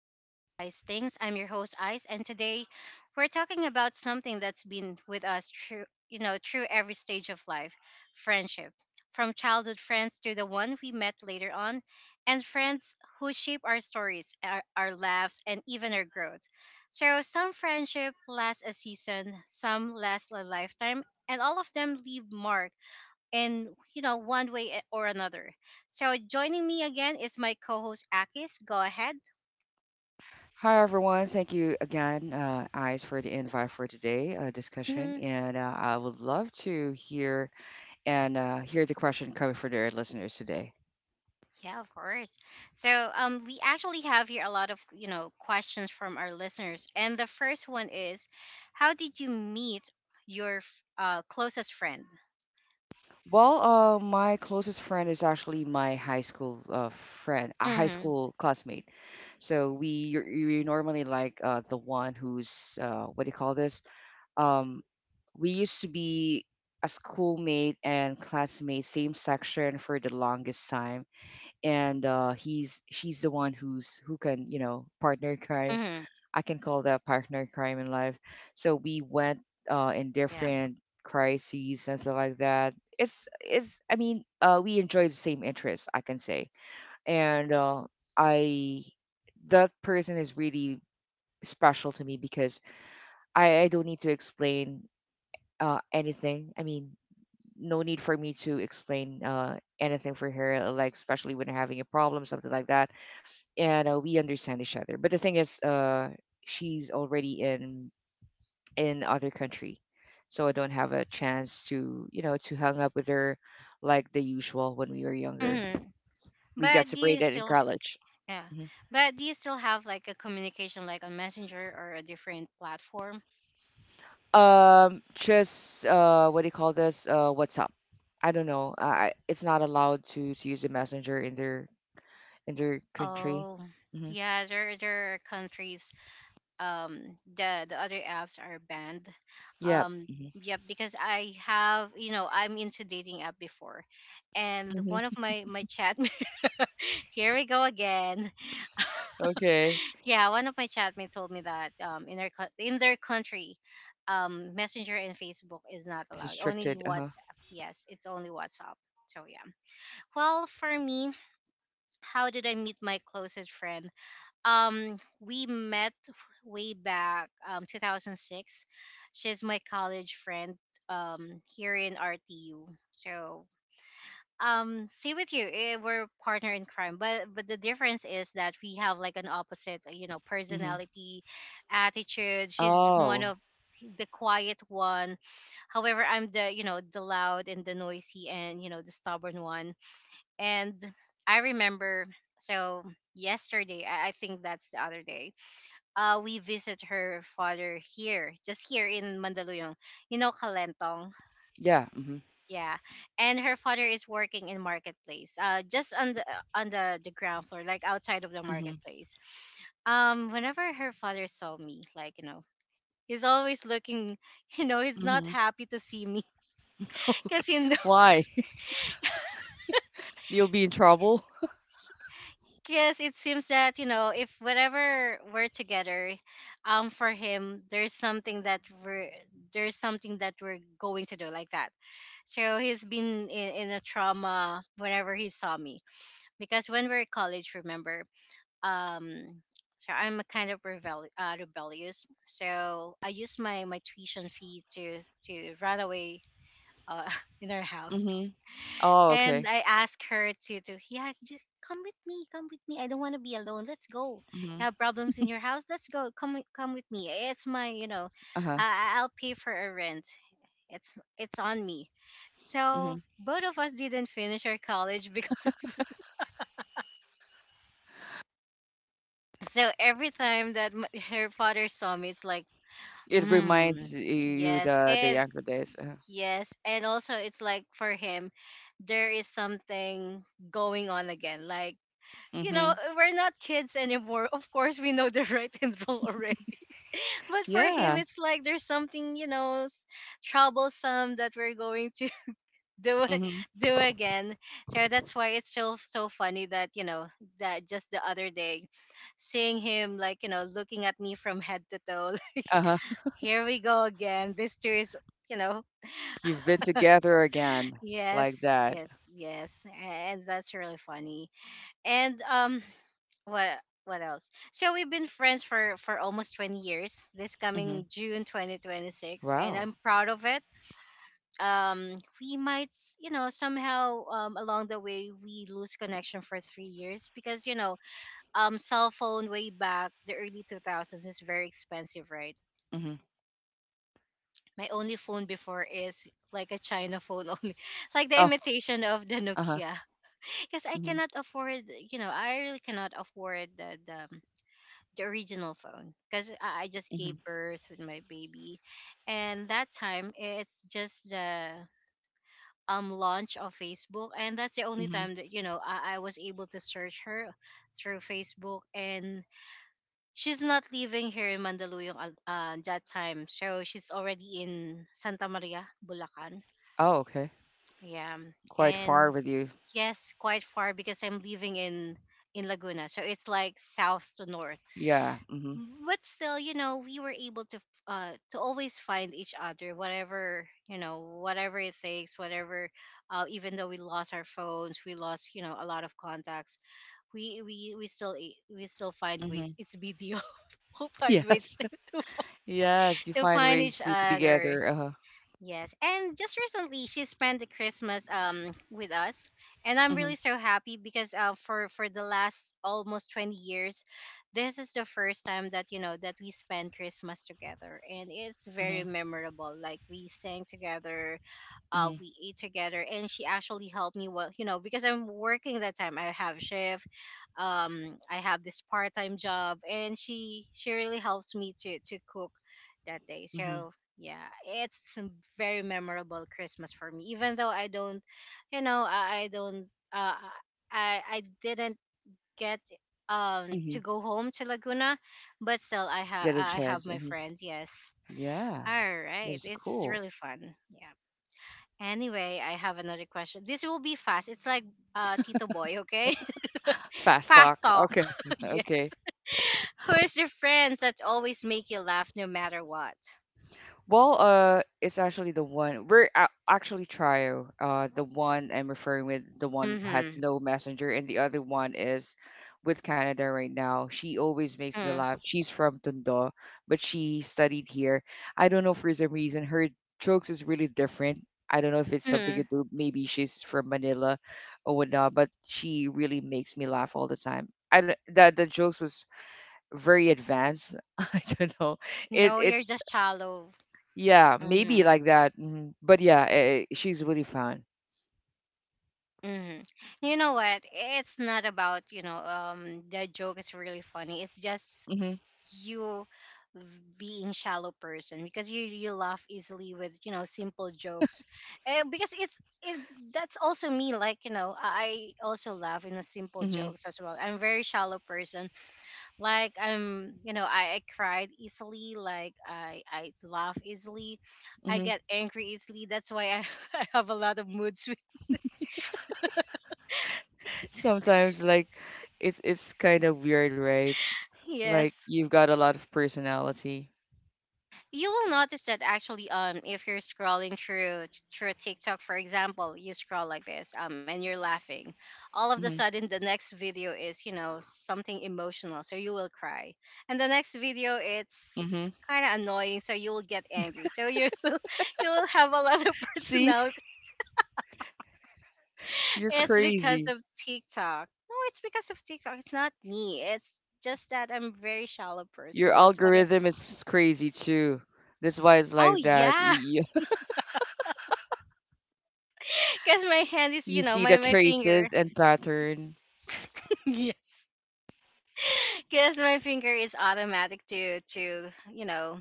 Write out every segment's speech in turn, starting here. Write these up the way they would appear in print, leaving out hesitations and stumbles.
to Just Ice Things. I'm your host, Ice, and today we're talking about something that's been with us through every stage of life friendship. From childhood friends to the one we met later on, and friends who shape our stories, our laughs, and even our growth. So, some friendship lasts a season, some last a lifetime, and all of them leave mark in one way or another. So joining me again is my co-host Akis. Go ahead. Hi, everyone. Thank you again, Eyes, for the invite for today discussion. Hmm. And I would love to hear and hear the question coming from their listeners today. Yeah, of course. So, we actually have here a lot of, you know, questions from our listeners. And the first one is, how did you meet your closest friend? Well, my closest friend is actually my high school friend, a high Mm-hmm. school classmate. So you're normally like the one who's what do you call this? Um, we used to be a schoolmate and classmate, same section for the longest time and he's she's the one who's who can partner crime. Mm-hmm. I can call that partner crime in life. So we went in Yeah. different crises and stuff like that. It's I mean, we enjoy the same interests, I can say. And uh, i that person is really special to me, because I don't need to explain anything. I mean, no need for me to explain anything for her, like especially when having a problem, something like that. And we understand each other. But the thing is, she's already in other country, so I don't have a chance to to hang up with her like the usual when we were younger. Mm-hmm. We got But do you separated in still, college. yeah. Mhm. But do you still have like a communication like on Messenger or a different platform? Just what do you call this? WhatsApp. I don't know. I It's not allowed to use a messenger in their country. Oh, Hmm. yeah, there are countries, um, the other apps are banned. Yeah. Um, Hmm. yeah, because I have, you know, I'm into dating app before, and one of Hmm. my chat here we go again. Okay. Yeah, one of my chatmate told me that, um, in their in their country, um, Messenger and Facebook is not It's allowed, only restricted. Uh huh. WhatsApp. Yes, it's only WhatsApp. So yeah. Well, for me, how did I meet my closest friend? Um, we met way back, um, 2006. She's my college friend, um, here in RTU. So, um, same with you, we're partner in crime, but the difference is that we have like an opposite, you know, Hmm. personality, attitude. She's one Oh, of the quiet one, however I'm the, you know, the loud and the noisy and, you know, the stubborn one. And I remember, so yesterday I think that's the other day, we visit her father here, just here in Mandaluyong. You know, Kalentong. yeah. Hmm. Yeah, and her father is working in marketplace, just on the on the ground floor, like outside of the marketplace. Whenever her father saw me, like you know, he's always looking. You know, he's not Mhm. happy to see me because Okay. he knows. Why? You'll be in trouble? Because it seems that, you know, if whenever we're together, for him, there's something that we're going to do like that. So he's been in a trauma whenever he saw me. Because when we are at college, remember, um, so I'm a kind of rebel, rebellious. So I used my tuition fee to run away, uh, in our house. Mhm. Oh, And okay. I asked her to yeah, just come with me, come with me. I don't want to be alone. Let's go. Mhm. You have problems in your house? Let's go. Come with me. It's my, you know, Uh-huh. I'll pay for a rent. It's on me. So Mhm. both of us didn't finish our college because of so every time that her father saw me, it's like, It hmm, reminds you yes the it, younger days. Uh-huh. yes, and also it's like for him there is something going on again like, you know, Mhm. We're not kids anymore. Of course, we know the right and wrong already. But for Yeah. him, it's like there's something, you know, troublesome that we're going to do a- Mhm. do again. So that's why it's so funny that, you know, that just the other day, seeing him like, you know, looking at me from head to toe. Uh-huh. Here we go again. This too is, you know, You've been together again like yes, that. yes, yes, and that's really funny. And um, what what else? So we've been friends for almost 20 years. This Mhm. coming June 2026, and Wow. I'm proud of it. Um, we might, you know, somehow, um, along the way we lose connection for 3 years because, you know, um, cell phone way back the early 2000s is very expensive, right? Mhm. My only phone before is like a China phone only, like the Oh, imitation of the uh-huh. Nokia. Because I Mhm. cannot afford, you know, I really cannot afford the, the original phone because I just Mhm. gave birth with my baby, and that time it's just the, um, launch of Facebook, and that's the only Mhm. time that, you know, I was able to search her through Facebook, and she's not living here in Mandaluyong, that time, so she's already in Santa Maria, Bulacan. Oh, okay. Yeah, Quite and far with you. yes, quite far because I'm living in Laguna, so it's like south to north. Yeah. Mhm. Mm-hmm. But still, you know, we were able to to always find each other, whatever, you know, whatever it takes, whatever, uh, even though we lost our phones, we lost, you know, a lot of contacts, we still I- we still find Mhm. ways. It's video we'll find ways Yes. To Yes, you to find find each ways to be other. together. Uh-huh. Yes, and just recently she spent the Christmas, um, with us, and I'm really Mhm. so happy because, uh, for the last almost 20 years, this is the first time that, you know, that we spend Christmas together, and it's very Mhm. memorable. Like we sang together, uh, Mhm. we ate together, and she actually helped me, well, you know, because I'm working that time, I have shift, um, I have this part-time job, and she really helps me to cook that day. Mhm. So yeah, it's a very memorable Christmas for me, even though I don't, you know, I don't, uh, I didn't get, um, Mhm. to go home to Laguna, but still I have Get a I chance. have my Mhm. friends. Yes, Yeah, all that right, is it's cool. really fun. Yeah. Anyway, I have another question. This will be fast. It's like, Tito Boy, okay? Fast Fast talk. talk. Okay, okay. Yes. Who is your friends that always make you laugh no matter what? Well, it's actually the one actually trio. The one I'm referring with, the one who has Mm-hmm. no messenger, and the other one is with Canada right now. She always makes me Mm. laugh. She's from Tondo, but she studied here. I don't know, for some reason her jokes is really different. I don't know if it's something Mm-hmm. to do. Maybe she's from Manila or whatnot, but she really makes me laugh all the time. I d- the jokes was very advanced. I don't know. It No, you're it's just shallow. Yeah, maybe Mm-hmm. like that. Hmm. But yeah, she's really fun. Mm-hmm. You know what? It's not about, you know, um, the joke is really funny. It's just Hmm. you being shallow person, because you laugh easily with, you know, simple jokes. And because that's also me, like, you know, I also laugh in the simple Hmm. jokes as well. I'm very shallow person, like I'm, you know, I cried easily, like I laugh easily, I Hmm. get angry easily, that's why I have a lot of mood swings. Sometimes, like, it's kind of weird, right? Like Yes, you've got a lot of personality. you will notice that actually, um, if you're scrolling through through TikTok, for example, you scroll like this, um, and you're laughing, all of the Hmm. sudden the next video is, you know, something emotional, so you will cry, and the next video Hmm. it's kind of annoying, so you will get angry, so you you will have a lot of See, personality. you're It's because crazy. of TikTok. No, it's because of TikTok, it's not me, it's just that I'm very shallow Your person, that's what it. algorithm is crazy too. That's why it's Oh like that. yeah. You Because my hand is, you you know, see my the my finger traces and pattern. yes, because my finger is automatic to you know,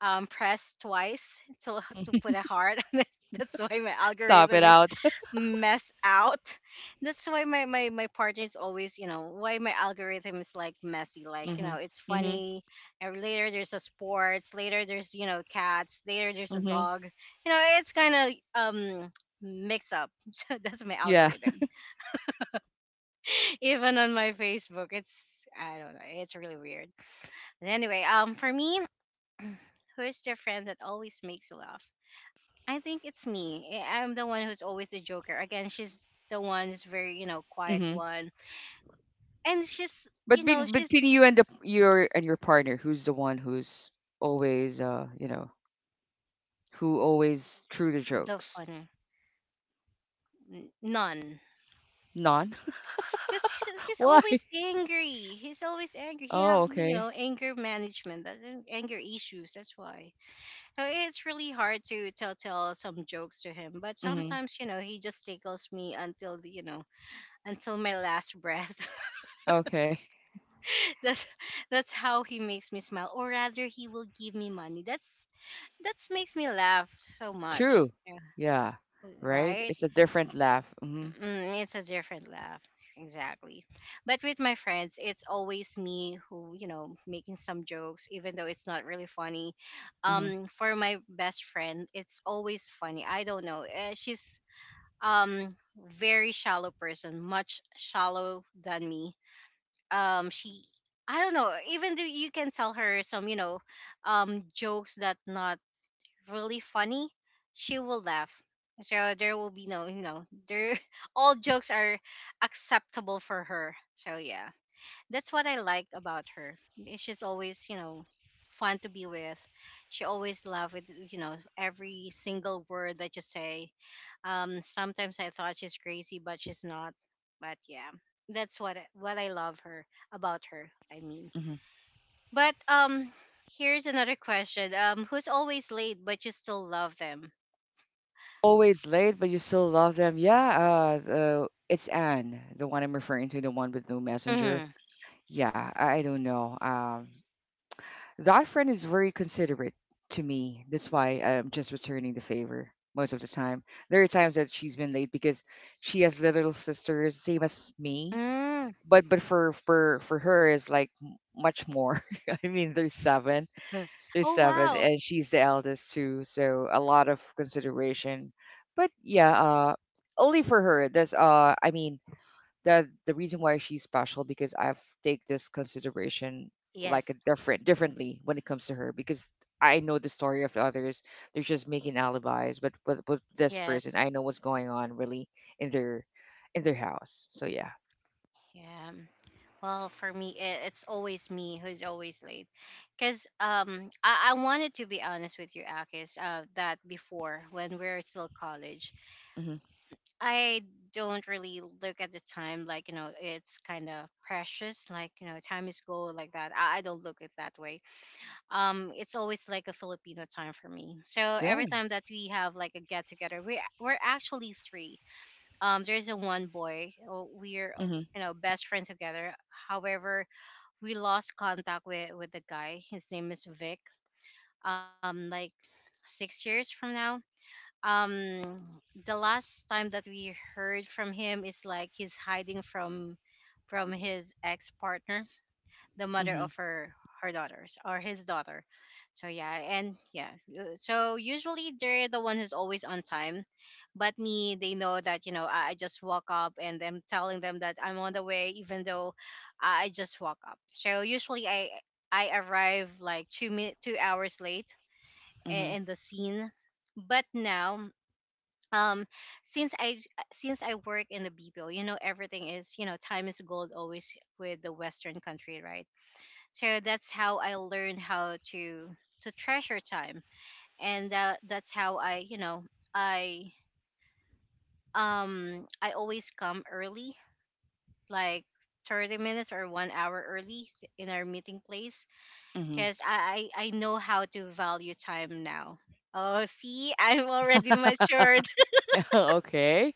um, press twice to put a heart on it. That's why my Top it algorithm is out. mess out. That's why my partner is always, you know, why my algorithm is like messy, like, you know, Hmm. it's Hmm. funny, and later there's a sports, later there's, you know, cats, later there's a Hmm. dog, you know, it's kind of, um, mix up. So that's my Yeah. algorithm. Even on my Facebook. It's I don't know. It's really weird. And anyway, for me, who's the friend that always makes you laugh? I think it's me. I'm the one who's always the joker. Again, she's the one who's very, you know, quiet Hmm. one, and she's, you But know, between you and the your and your partner, who's the one who's always, who always true to the jokes? fun, none, None. because he's Why? always angry. He's always angry. He Oh, have, you okay. know, anger management, that's anger issues. That's why, uh, it's really hard to tell some jokes to him. But Mm-hmm. sometimes, you know, he just tickles me until the, you know, until my last breath. Okay. That's that's how he makes me smile, or rather he will give me money, that's makes me laugh so much. True. Yeah, Yeah. Right. right. It's a different laugh. Mm-hmm. Mm, it's a different laugh. Exactly. But with my friends, it's always me who, you know, making some jokes even though it's not really funny. Mm-hmm. Um, for my best friend, it's always funny, I don't know, she's, um, very shallow person, much shallow than me. Um, she, I don't know, even though you can tell her some, you know, um, jokes that not really funny, she will laugh. So there will be no, you know, there all jokes are acceptable for her. So yeah, that's what I like about her. Eh, she's always, you know, fun to be with. She always loved with, you know, every single word that you say. Sometimes I thought she's crazy, but she's not. But yeah, what I love her about her. I mean, Mm-hmm. but here's another question. Who's always late but you still love them? Always late, but you still love them. Yeah. It's Anne, the one I'm referring to, the one with no messenger. Mm. Yeah. I don't know. That friend is very considerate to me. That's why I'm just returning the favor most of the time. There are times that she's been late because she has little sisters, same as me. Mm. But for her is like much more. I mean, there's Oh, seven, wow. and she's the eldest too, so a lot of consideration. But yeah, only for her. That's I mean, the reason why she's special, because I've take this consideration like a Yes. different differently when it comes to her, because I know the story of others. They're just making alibis, but with this person, Yes. I know what's going on really in their in their house. So yeah. Yeah. Well, for me, it's always me who's always late. Because I wanted to be honest with you, Akis, that before, when we are still college, Hmm. I don't really look at the time like, you know, it's kind of precious. Like, you know, time is gold like that. I don't look at it that way. It's always like a Filipino time for me. So Yeah. every time that we have like a get together, we're actually three. There's a one boy. We're, Hmm. you know, best friend together. However, we lost contact with the guy. His name is Vic. Like 6 years from now. Um, the last time that we heard from him is like he's hiding from his ex partner, the mother Hmm. of her her daughters or his daughter. So yeah, and yeah, so usually they're the one who's always on time, but me, they know that you know I just walk up and I'm telling them that I'm on the way, even though I just walk up. So usually I arrive like 2 hours late Hmm. In the scene, but now um since i since I work in the bpo, you know, everything is, you know, time is gold, always with the western country, right? So that's how I learned how to treasure time, and that's how i, you know, i I always come early, like 30 minutes or 1 hour early in our meeting place, Hmm. because I I know how to value time now. Oh, see, I'm already matured. okay.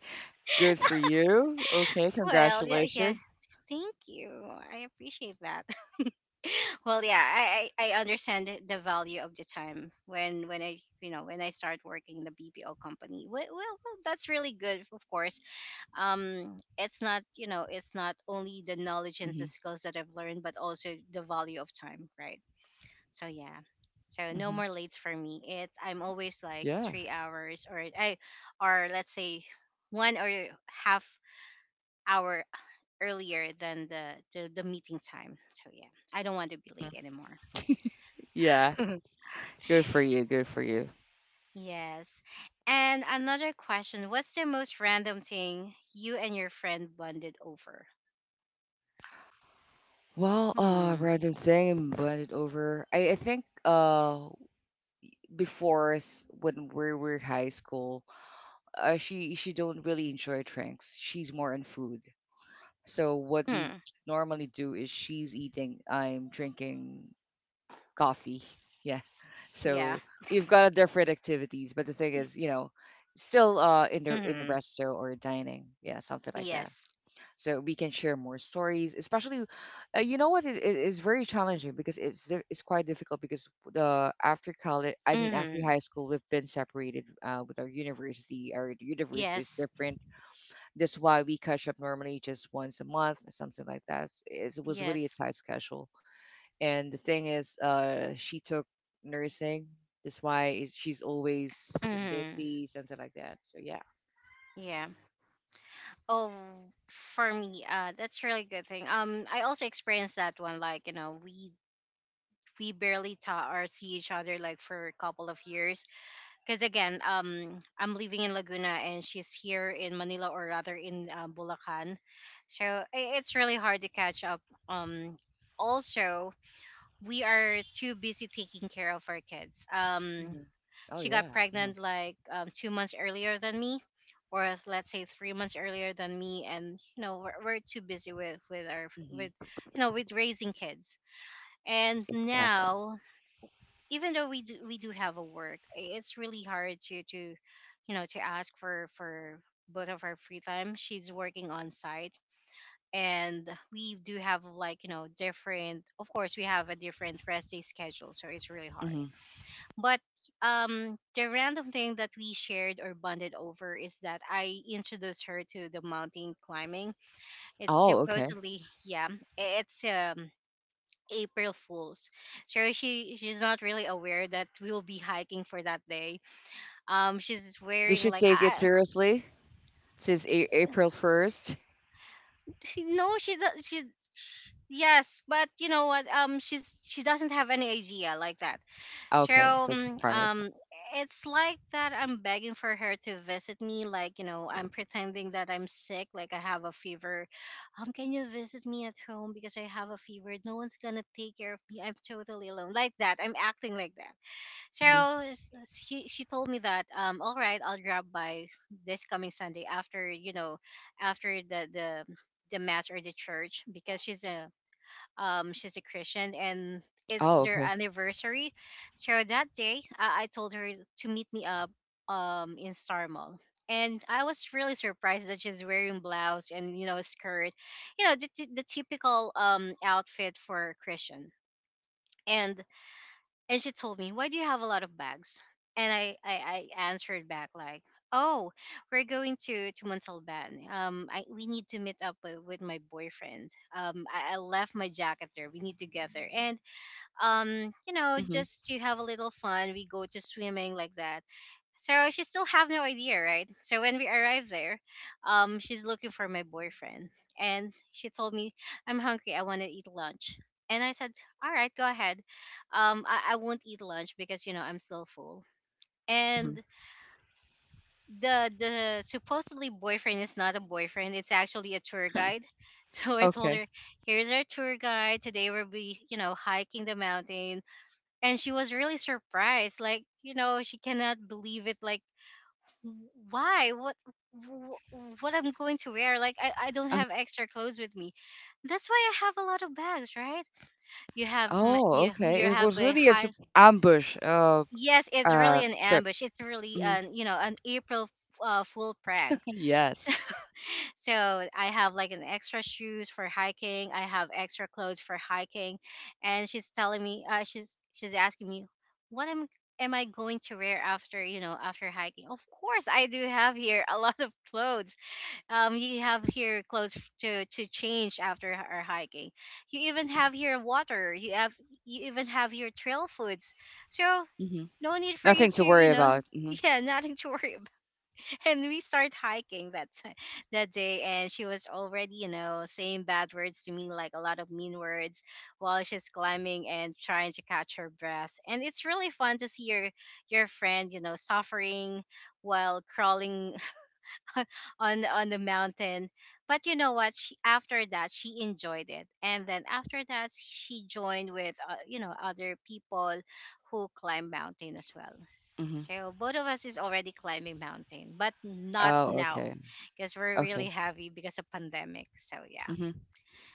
Good for you. Okay. Well, yeah, yeah, Congratulations. thank you, I appreciate that. Well, yeah, I I understand the value of the time when I, you know, when I start working in the BPO company. Well, that's really good, of course. It's not, you know, it's not only the knowledge and the Hmm. skills that I've learned, but also the value of time, right? So yeah, so no Hmm. more late for me. It's I'm always like Yeah. 3 hours or I or let's say one or half hour earlier than the meeting time. So yeah, I don't want to be late anymore. Yeah. Good for you. Good for you. Yes. And another question: what's the most random thing you and your friend bonded over? Well, Hmm. random thing and it over. I think before us when we were high school, she don't really enjoy drinks. She's more on food. So what Hmm. we normally do is, she's eating, I'm drinking coffee. Yeah. Yeah. So we've got a different activities, but the thing is, you know, still in Hmm. the resto or dining. Yeah, something like Yes. that, so we can share more stories, especially you know what, it is very challenging because it's quite difficult, because the after college, I mean after Hmm. high school, we've been separated with our university. Our universe is Yes. different, that's why we catch up normally just once a month, something like that. It was really a Yes. tight schedule. And the thing is, she took nursing, that's why is she's always Hmm. busy, something like that, so yeah. Yeah. Oh, for me, that's really good thing. I also experienced that one. Like, you know, we barely talk or see each other like for a couple of years, because again, I'm living in Laguna and she's here in Manila, or rather in Bulacan, so it's really hard to catch up. Um, Also, we are too busy taking care of our kids. Hmm. Oh She yeah. got Uh-huh. pregnant like 2 months earlier than me, or let's say 3 months earlier than me, and you know we're too busy with our with, Hmm. you know, with raising kids. And Exactly. now, even though we do have a work, it's really hard to, you know, to ask for both of our free time. She's working on site, and we do have like, you know, different, of course, we have a different rest day schedule, so it's really hard, Hmm. but the random thing that we shared or bonded over is that I introduced her to the mountain climbing. It's Oh, okay. supposedly, yeah, it's April Fools. So she's not really aware that we'll be hiking for that day. She's They wearing should like take it I seriously since April 1st. she no she does she, sh yes, but you know what, she doesn't have any idea like that. So Okay, so um surprise. um, it's like that I'm begging for her to visit me, like, you know, I'm pretending that I'm sick, like I have a fever. Can you visit me at home because I have a fever? No one's gonna take care of me. I'm totally alone, like that. I'm acting like that. Hmm. So s- she told me that all right, I'll drop by this coming Sunday after, you know, after the mass or the church, because she's a Christian and it's Oh, their okay. anniversary. So that day, I told her to meet me up in Star Mall. And I was really surprised that she's wearing blouse and, you know, skirt, you know, the typical outfit for a Christian. And and she told me, "Why do you have a lot of bags?" And I answered back like, "Oh, we're going to Montalban. We need to meet up with my boyfriend. I left my jacket there. We need to get there, and you know, Hmm. just to have a little fun, we go to swimming like that." So she still have no idea, right? So when we arrived there, she's looking for my boyfriend, and she told me, "I'm hungry. I want to eat lunch." And I said, "All right, go ahead. I won't eat lunch because, you know, I'm still full." Hmm. And the supposedly boyfriend is not a boyfriend; it's actually a tour guide. So I told Okay. her, "Here's our tour guide. Today we'll be, you know, hiking the mountain." And she was really surprised, like, you know, she cannot believe it. Like why what what I'm going to wear, like I don't Uh, have extra clothes with me. That's why I have a lot of bags, right? You have oh, okay. you It have was a really a high. ambush Yes, it's really an trip. ambush. It's really Hmm. an, you know, an april full prank. so Yes. so I have like an extra shoes for hiking. I have extra clothes for hiking, and she's telling me, she's asking me, what am I going to wear after, you know, after hiking? Of course, I do have here a lot of clothes. You have here clothes to change after our hiking. You even have here water. You have you even have your trail foods. So Hmm. no need for you Nothing to, to you worry know… about. Hmm. Yeah, nothing to worry. And we start hiking that that day, and she was already, you know, saying bad words to me, like a lot of mean words, while she's climbing and trying to catch her breath. And it's really fun to see your friend, you know, suffering while crawling on the mountain. But you know what? She, after that, she enjoyed it, and then after that, she joined with you know, other people who climb mountain as well. Hmm. So both of us is already climbing mountain, but not Oh, now, okay. because we're really Okay. heavy because of pandemic. So yeah, Hmm.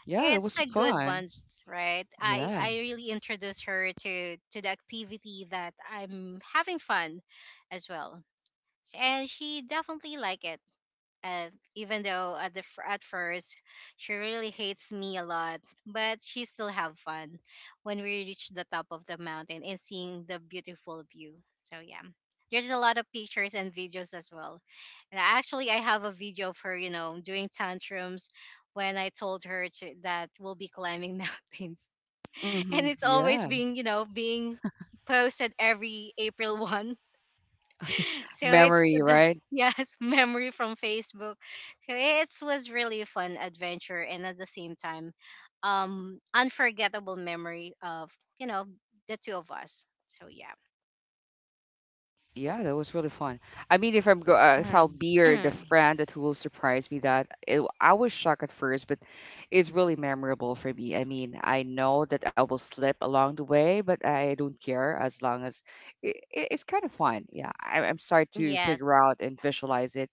Yeah, that it's was a good fun. bunch, right? Yeah. I really introduced her to the activity that I'm having fun as well, and she definitely like it. And even though at the at first she really hates me a lot, but she still have fun when we reach the top of the mountain and seeing the beautiful view. So yeah, there's a lot of pictures and videos as well. And actually, I have a video of her, you know, doing tantrums when I told her to, that we'll be climbing mountains, Hmm. and it's Yeah. always being, you know, being posted every April 1, so it's Memory, the right? yes memory from Facebook. So it was really fun adventure and at the same time, unforgettable memory of, you know, the two of us. So yeah. Yeah, that was really fun. I mean, if I'll Mm. be or the Mm. friend that will surprise me, I was shocked at first, but it's really memorable for me. I mean, I know that I will slip along the way, but I don't care as long as it's kind of fun. Yeah, I'm sorry to Yes. figure out and visualize it.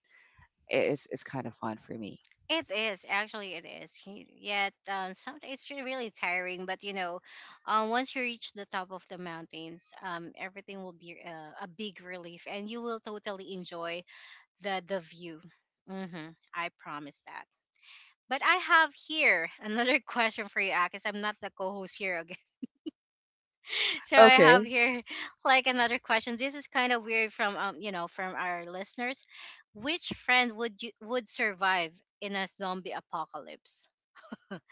It's kind of fun for me. It is, actually it is. Yet sometimes it's really tiring, but you know, once you reach the top of the mountains, everything will be a big relief, and you will totally enjoy the view. Mm-hmm. I promise. But I have here another question for you, Akis. I'm not the co-host here again. So I have Okay, here like another question. This is kind of weird from, you know, from our listeners. Which friend would you would survive in a zombie apocalypse?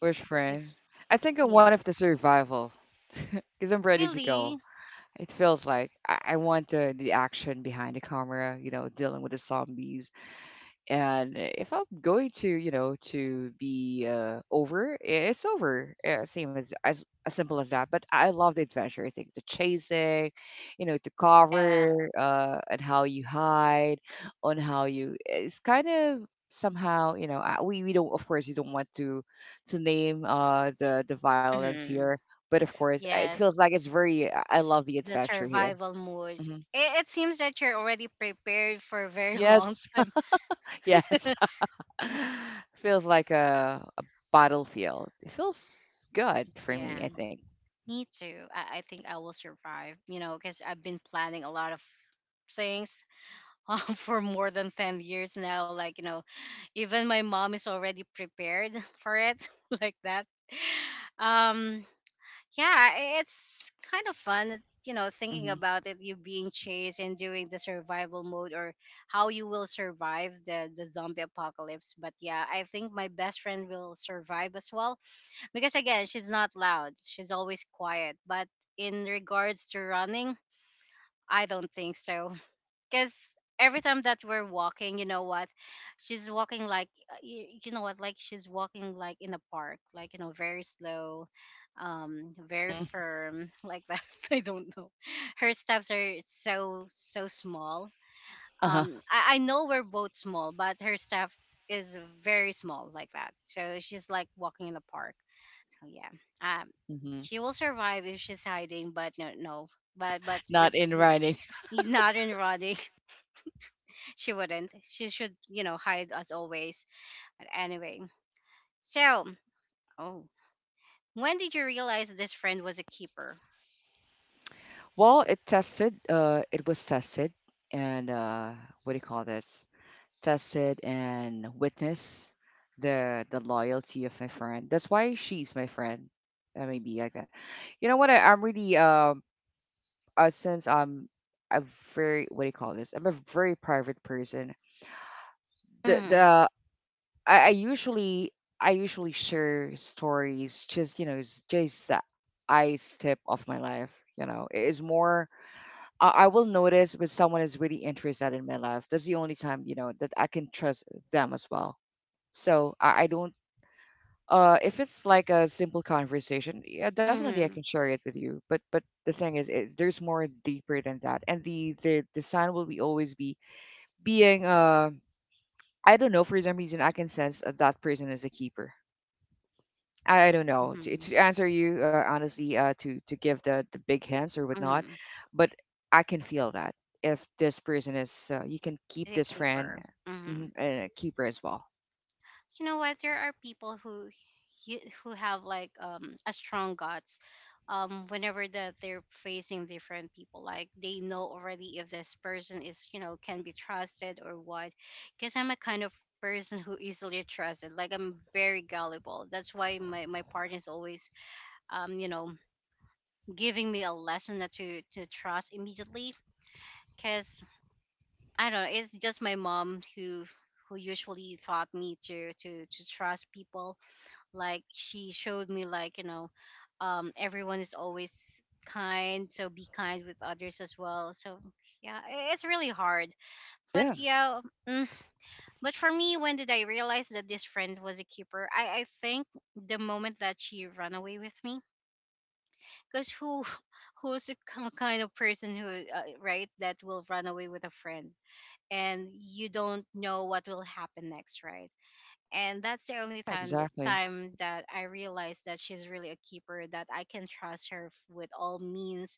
which friend? Yes. I think I'm one of Yes. the survival, because I'm ready to go. Really? It feels like I want the action behind the camera, you know, dealing with the zombies, and if I'm going to to be over, it's over, same as, as simple as that. But I love the adventure. I think the chasing, you know, to Yeah. cover, and how you hide, on how you, it's kind of, somehow, you know, we don't, of course you don't want to name the violence here, Mhm. but of course it Yes. feels like it's very, I love the The adventure here. survival mode. Hmm. It seems that you're already prepared for a very long Yes. time. Yes. Feels like a battlefield. It feels good for me, Yeah. I think. Me too. I think I will survive, you know, because I've been planning a lot of things for more than 10 years now. Like, you know, even my mom is already prepared for it, like that. Um, yeah, it's kind of fun, you know, thinking Hmm. about it, you being chased and doing the survival mode or how you will survive the zombie apocalypse. But yeah, I think my best friend will survive as well, because again, she's not loud, she's always quiet. But in regards to running, I don't think so. Because every time that we're walking, you know what, she's walking like you know what like she's walking like in a park, like you know, very slow, very firm like that. I don't know, her steps are so small. Uh-huh. I know we're both small, but her step is very small, like that, so she's like walking in a park. Oh yeah. Um, Hmm. she will survive if she's hiding, but no, no. But Not if in w- writing. he's not in running. She wouldn't. She should, you know, hide as always. But anyway, so oh, when did you realize this friend was a keeper? Well, it tested. It was tested, and what do you call this? Tested and witness the loyalty of my friend. That's why she's my friend. That may be like that. You know what? I'm really, since I'm a very, what do you call this? I'm a very private person. Mm. The I, I usually I usually share stories, just you know, just the ice tip of my life. You know, it is more. I will notice when someone is really interested in my life. That's the only time, you know, that I can trust them as well. So I don't. If it's like a simple conversation, yeah, definitely I can Mm. share it with you. But the thing is there's more deeper than that, and the sign will be always be being, I don't know, for some reason I can sense that that person is a keeper. I don't know to, Mm. Answer you honestly, to give the big hints or whatnot, Mm. but I can feel that if this person is, you can keep A this friend. keeper. Mm-hmm. Mhm. And keep her as well. You know what, there are people who who have like a strong guts, whenever that they're facing different people, like they know already if this person is, you know, can be trusted or what. Because I'm a kind of person who easily trusted, like I'm very gullible. That's why my partner is always, you know, giving me a lesson not to trust immediately. Because I don't know, it's just my mom who usually taught me to trust people. Like she showed me, like you know, everyone is always kind, so be kind with others as well. So yeah, it's really hard. But Yeah, yeah. mm, but for me, when did I realize that this friend was a keeper? I think the moment that she ran away with me. Because who kind of person who right, that will run away with a friend? And you don't know what will happen next, right? And that's the only time exactly. time that I realized that she's really a keeper, that I can trust her with all means.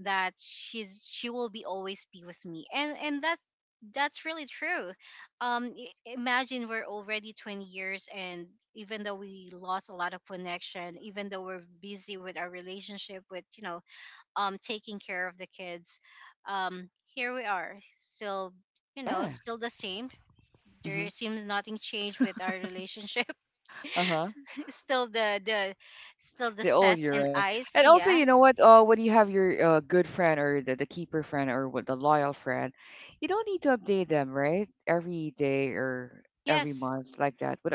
That she will be always be with me. And that's really true. Imagine we're already 20 years, and even though we lost a lot of connection, even though we're busy with our relationship, with you know, taking care of the kids, here we are, still, you know, Yeah. still the same. There Hmm. seems nothing changed with our relationship. Uh-huh. still the the still the The sass old and era. ice. And also, Yeah. you know what? When you have your good friend or the keeper friend or what the loyal friend, you don't need to update them, right? Every day or every Yes. month, like that. But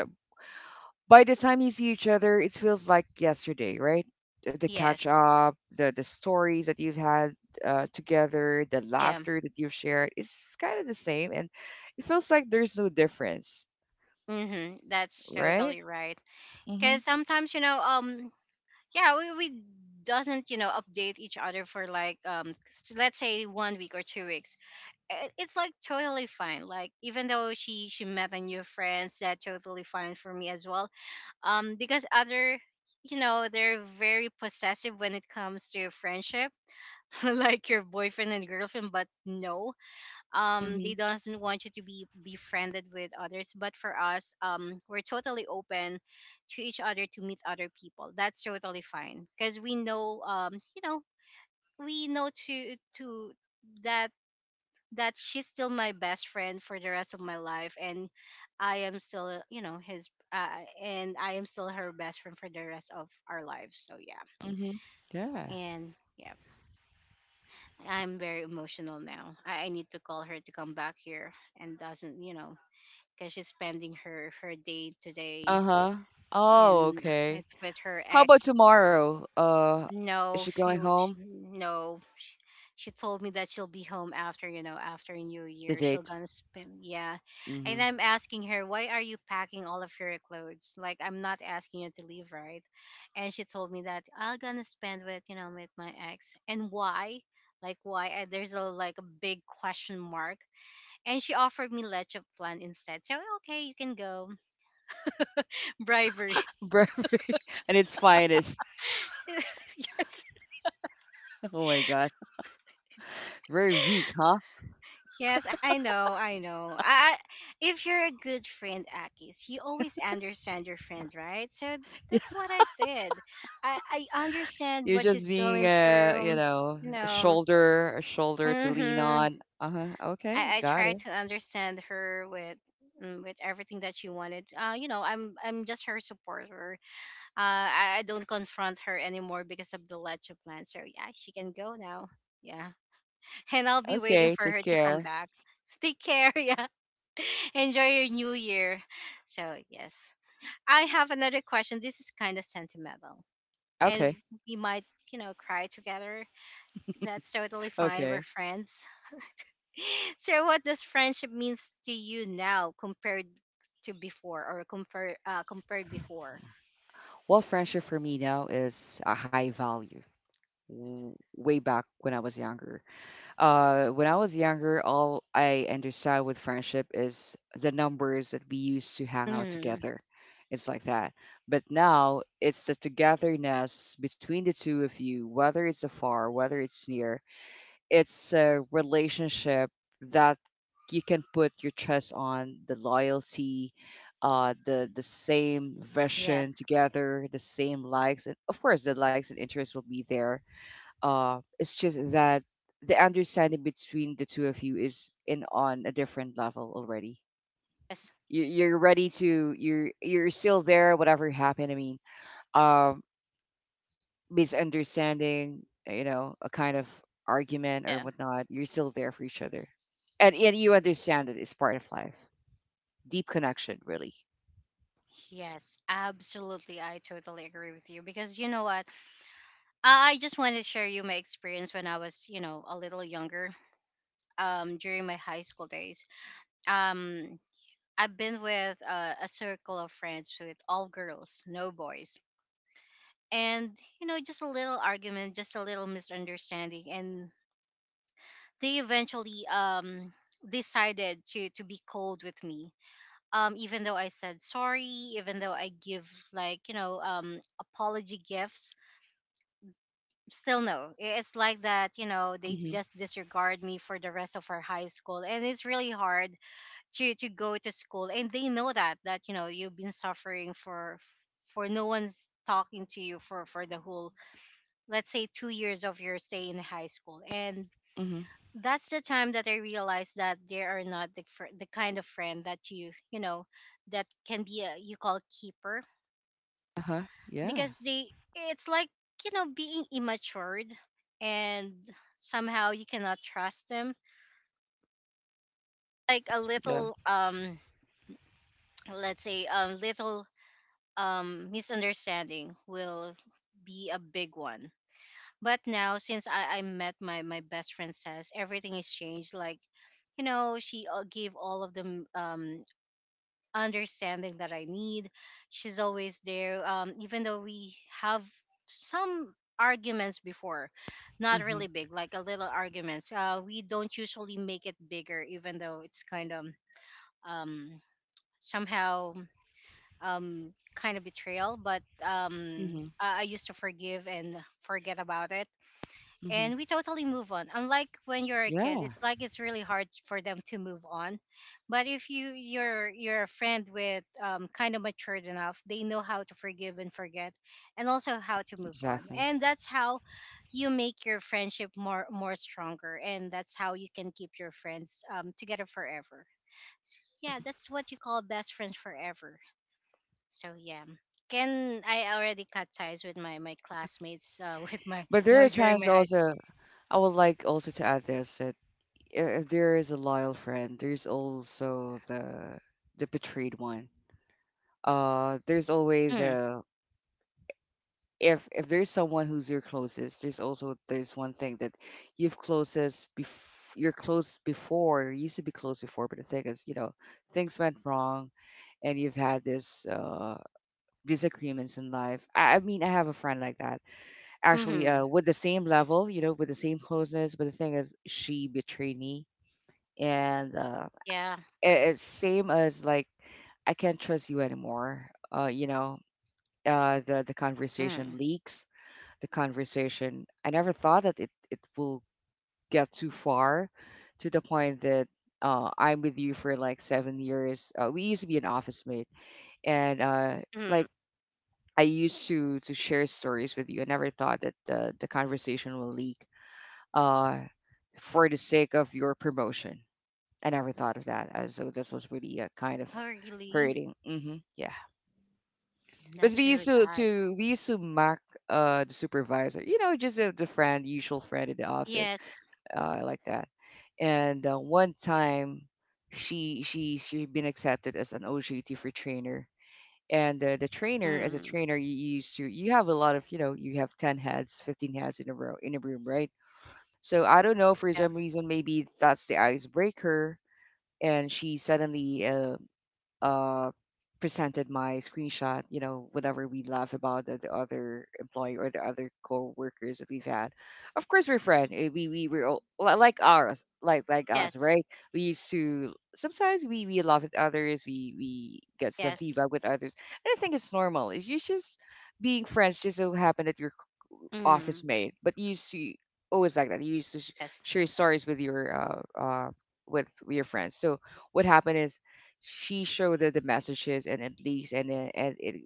by the time you see each other, it feels like yesterday, right? The catch Yes. up, the stories that you've had together, the Yeah. laughter that you've shared is kind of the same, and it feels like there's no difference, Mhm. That's right? totally right. Mhm, Cuz sometimes, you know, yeah, we doesn't, you know, update each other for like, let's say one week or 2 weeks. It's like totally fine, like even though she met a new friends, that totally fine for me as well. Because other, you know, they're very possessive when it comes to friendship. Like your boyfriend and girlfriend, but no, mhm, they doesn't want you to be befriended with others. But for us, we're totally open to each other, to meet other people. That's totally fine because we know, you know, we know to that that she's still my best friend for the rest of my life. And I am still, you know, his and I am still her best friend for the rest of our lives. So yeah. mhm. Yeah. And yeah, I'm very emotional now. I need to call her to come back here, and doesn't, you know, because she's spending her day today, Uh huh. Oh, in, okay. with her How about ex. tomorrow? Is No, she going she would. Sh home? No, she told me that she'll be home after, you know, after New The Year. She'll date. gonna spend, yeah. And Mhm. I'm asking her, why are you packing all of your clothes? Like, I'm not asking you to leave, right? And she told me that I'm gonna spend with, you know, with my ex. And why? Like, why? And there's a like a big question mark. And she offered me leche plan instead. So okay, you can go. Bribery. Very, and its finest. Yes. Oh my God. Very weak, huh? Yes, I know, I know. If you're a good friend, Akis, you always understand your friend, right? So that's what I did. I understand You're what just she's being going a, you through. know, You know, a shoulder to lean mm-hmm. on. Uh-huh. Okay, I got try it. to understand her with, with everything that she wanted. You know, I'm just her supporter. I don't confront her anymore because of the leche plan. So yeah, she can go now. Yeah, and I'll be waiting Okay, for take her to come care. back. Take care. Yeah. Enjoy your New Year. So, yes. I have another question. This is kind of sentimental. And Okay, we might, you know, cry together. That's totally fine. We're okay. friends. So, what does friendship means to you now, compared to before? Or compared before? Well, friendship for me now is a high value. Way back when I was younger. When I was younger, all I understood with friendship is the numbers that we used to hang out Mm. together. It's like that. But now it's the togetherness between the two of you, whether it's afar, whether it's near. It's a relationship that you can put your trust on, the loyalty, the same vision Yes. together, the same likes, and of course the likes and interests will be there. It's just that the understanding between the two of you is in on a different level already. Yes. You, you're ready to you're still there, whatever happened. I mean, um, misunderstanding, a kind of argument or Yeah. whatnot, you're still there for each other. And you understand that it's part of life. Deep connection, really. Yes, absolutely. I totally agree with you. Because you know what? I just wanted to share you my experience when I was, you know, a little younger. During my high school days. Um, I've been with, a circle of friends with all girls, no boys. And, you know, just a little argument, just a little misunderstanding. And they eventually, decided to be cold with me. Even though I said sorry, even though I give, like, you know, apology gifts, still no. It's like that, you know, they Mhm. just disregard me for the rest of our high school. And it's really hard to go to school. And they know that you know, you've been suffering for no one's talking to you for the whole, let's say, 2 years of your stay in high school. And Mhm. that's the time that I realized that they are not the the kind of friend that you know that can be a you call keeper. Uh-huh. Yeah. Because they, it's like, you know, being immatured. And somehow you cannot trust them, like a Yeah. little, let's say a little, misunderstanding will be a big one. But now, since I met my best friend, says everything has changed. Like, you know, she gave all of the understanding that I need. She's always there, even though we have some arguments before, not Mhm. really big, like a little arguments. We don't usually make it bigger, even though it's kind of um, somehow kind of betrayal. But Mhm. I used to forgive and forget about it. Mhm. And we totally move on. Unlike when you're a kid, Yeah, it's like it's really hard for them to move on. But if you're a friend with, kind of matured enough, they know how to forgive and forget, and also how to move on. exactly. And that's how you make your friendship more stronger. And that's how you can keep your friends, together forever. Yeah, that's what you call best friends forever. So yeah, can I already cut ties with my classmates? With my, But you there know, are during times my high school. also I would like also to add this that if there is a loyal friend, there's also the betrayed one. There's always Mm. a if there's someone who's your closest, there's also there's one thing that you've closest bef- you used to be close before, but the thing is, you know, things went wrong and you've had this disagreements in life. I mean, I have a friend like that actually, Mm-hmm. With the same level, with the same closeness, but the thing is, she betrayed me, and uh, Yeah. it, it's same as like I can't trust you anymore. Uh, you know, the Mm. conversation leaks the conversation. I never thought that it will get too far to the point that I'm with you for like 7 years. We used to be an office mate, and Mm. like I used to share stories with you. I never thought that the conversation will leak uh, for the sake of your promotion. I never thought of that. So this was really a kind of Oh really? hurting. Hmm, yeah, but That's we used really to bad. to we used to mock the supervisor. You know, just the friend, usual friend in the office Yes. Like that. And one time, she been accepted as an OJT for trainer. And the trainer, as a Mm. trainer, you used to you have a lot of you know you have 10 heads, 15 heads in a row in a room, right? So I don't know, for Yeah. some reason maybe that's the icebreaker, and she suddenly uh, presented my screenshot, whenever we laugh about the other employee or the other co-workers that we've had. Of course, we're friends. We're all, like ours, like us, Yes. right? We used to sometimes we laugh at others. We get some Yes. feedback with others, and I think it's normal. It's you just being friends. Just so happen that your Mm. office mate, but you used to always like that. You used to Yes. share stories with your friends. So what happened is she showed her the messages and at least and it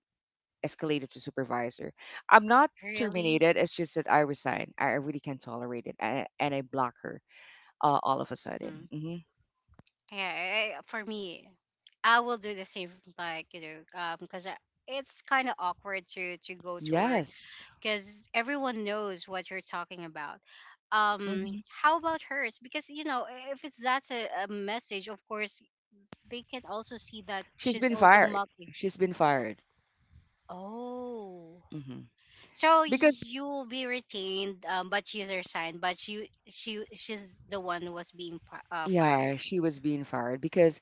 escalated to supervisor. I'm not Really? terminated. It's just that I resign. I really can't tolerate it, and I block her all of a sudden. Mm. Hmm. Yeah. For me, I will do the same. Like you know, because it's kind of awkward to go to work Yes. because everyone knows what you're talking about. Hmm How about hers? Because you know, if it's that's a message, of course they can also see that she's she's been also fired. mocking. She's been fired Oh, hmm so because you will be retained, but you resigned. But you she she's the one who was being fired. yeah, she was being fired because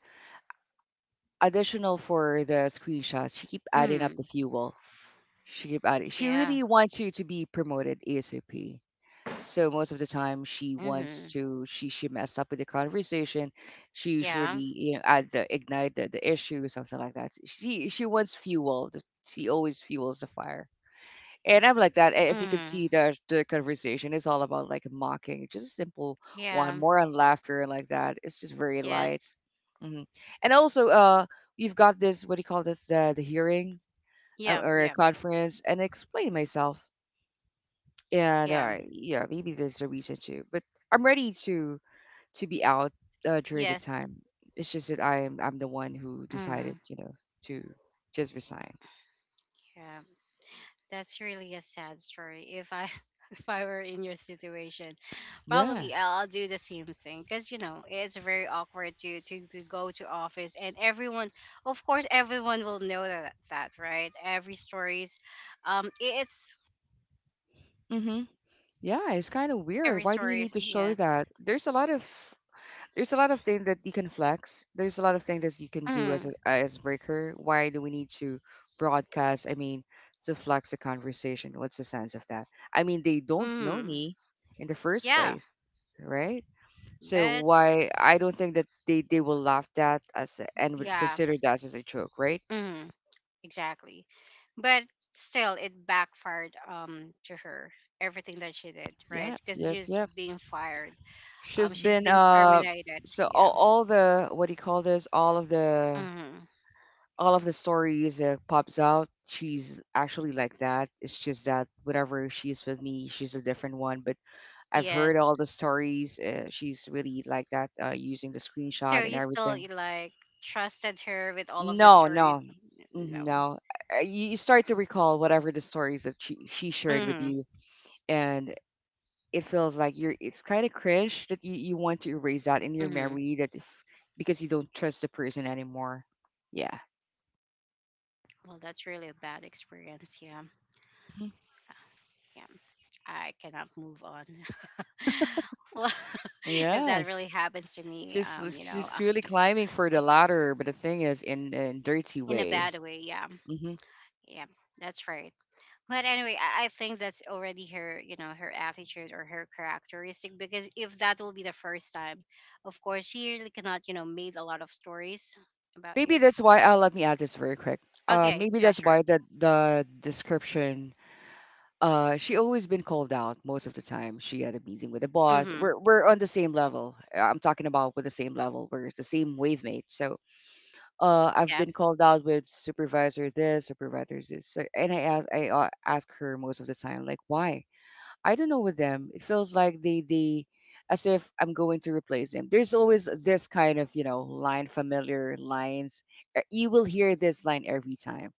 additional for the screenshots, she keep adding up the Mm. fuel. She keep adding. She Yeah. really wants you to be promoted ASAP. So most of the time she Mm-hmm. wants to she mess up with the conversation. She usually, Yeah. Add the ignite the issue or something like that. She always fuels the fire, and I'm like that. And if you can see Mm. that the conversation is all about, like, mocking, just a simple one Yeah. more on laughter and like that, it's just very light. Yes. hmm and also we've got this, what do you call this, the, hearing Yeah. or a Yeah. conference, and I explain myself, and Yeah. Yeah, maybe that's the reason too. But I'm ready to be out during the Yes. time. It's just that I'm the one who decided, Mm. To just resign. Yeah. That's really a sad story. If I if I were in your situation, Yeah. probably I'll do the same thing because you know it's very awkward to go to office. And everyone, of course, everyone will know that, right. Every stories, it's Mm-hmm. Yeah, it's kind of weird. every Why do you story. need to show Yes. that? There's a lot of things that you can flex. There's a lot of things that you can do as a Mm. as breaker. Why do we need to broadcast? I mean, to flex the conversation. What's the sense of that? I mean, they don't know Mm. me in the first Yeah. place, right? So But why I don't think that they will laugh that as and would yeah. consider that as a joke, right? Mm. Exactly. But still, it backfired to her, everything that she did, right? Yeah, Because yep, she's yep. being fired, She's she's been. been terminated. So all, Yeah. all the what do you call this? All of the Hmm. all of the stories pops out. She's actually like that. It's just that whenever she's with me, she's a different one. But I've heard Yes. all the stories. She's really like that, using the So screenshot and you still, everything. you, like, trusted her with all of the No, stories? no, mhm, No. no. You start to recall whatever the stories that she shared with Hmm. you, and it feels like you're. It's kind of cringe that you want to erase that in your Hmm. memory that if, because you don't trust the person anymore. Yeah. Well, that's really a bad experience. Yeah. Mhm. Yeah. I cannot move on. Well, if that Yes. really happens to me, She's you know, she's really climbing for the ladder, but the thing is in a dirty in a way. bad way. Yeah. hmm Yeah. That's right. But anyway, I think that's already her, you know, her attitude or her characteristic, because if that will be the first time, of course, she really cannot, you know, made a lot of stories about Maybe you. that's why. Let me add this very quick. Uh, Okay, maybe yeah, that's sure. why that the description. She always been called out most of the time. She had a meeting with the boss. Mm-hmm. We're on the same level. I'm talking about with the same level. We're the same wave mate. So, I've Yeah. been called out with supervisor this, supervisor this. So, and I ask her most of the time, like, why? I don't know with them. It feels like they as if I'm going to replace them. There's always this kind of, line familiar lines. You will hear this line every time,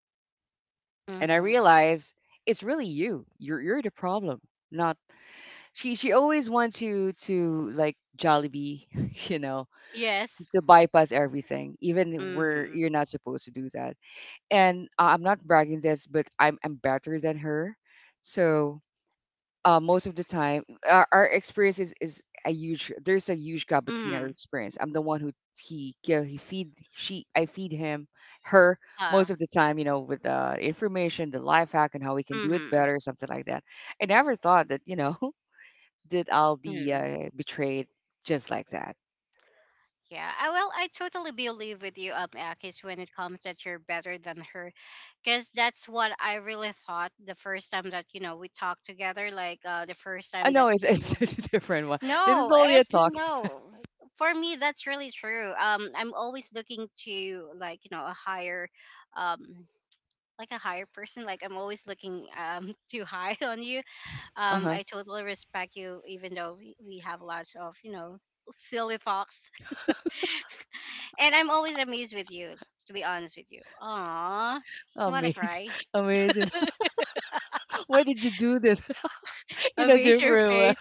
and I Mm-hmm. realize it's really you. You're the problem, not. She always wants you to, like, Jollibee, you know, Yes. to bypass everything, even where Mm-hmm. you're not supposed to do that. And I'm not bragging this, but I'm better than her. So most of the time, our experience is a huge. There's a huge gap between our Mm-hmm. experience. I'm the one who he yeah, he feed she I feed him her Uh, most of the time. You know, with the information, the life hack, and how we can do it mm-hmm. better, something like that. I never thought that that I'll be Mm-hmm. Betrayed just like that. Yeah. I, well, I totally believe with you, Akis, when it comes that you're better than her because that's what I really thought the first time that we talked together, like the first I time that know it's, we it's will be. a different one. This is No, only a it's talk. no. For me, that's really true. I'm always looking to like a higher, um, like a higher person. Like I'm always looking too high on you. Uh huh. I totally respect you, even though we have lots of silly thoughts. And I'm always amazed with you. To be honest with you, aww, you wanna Amazing. cry? Amazing. Why did you do this in a Amaze your different way? face.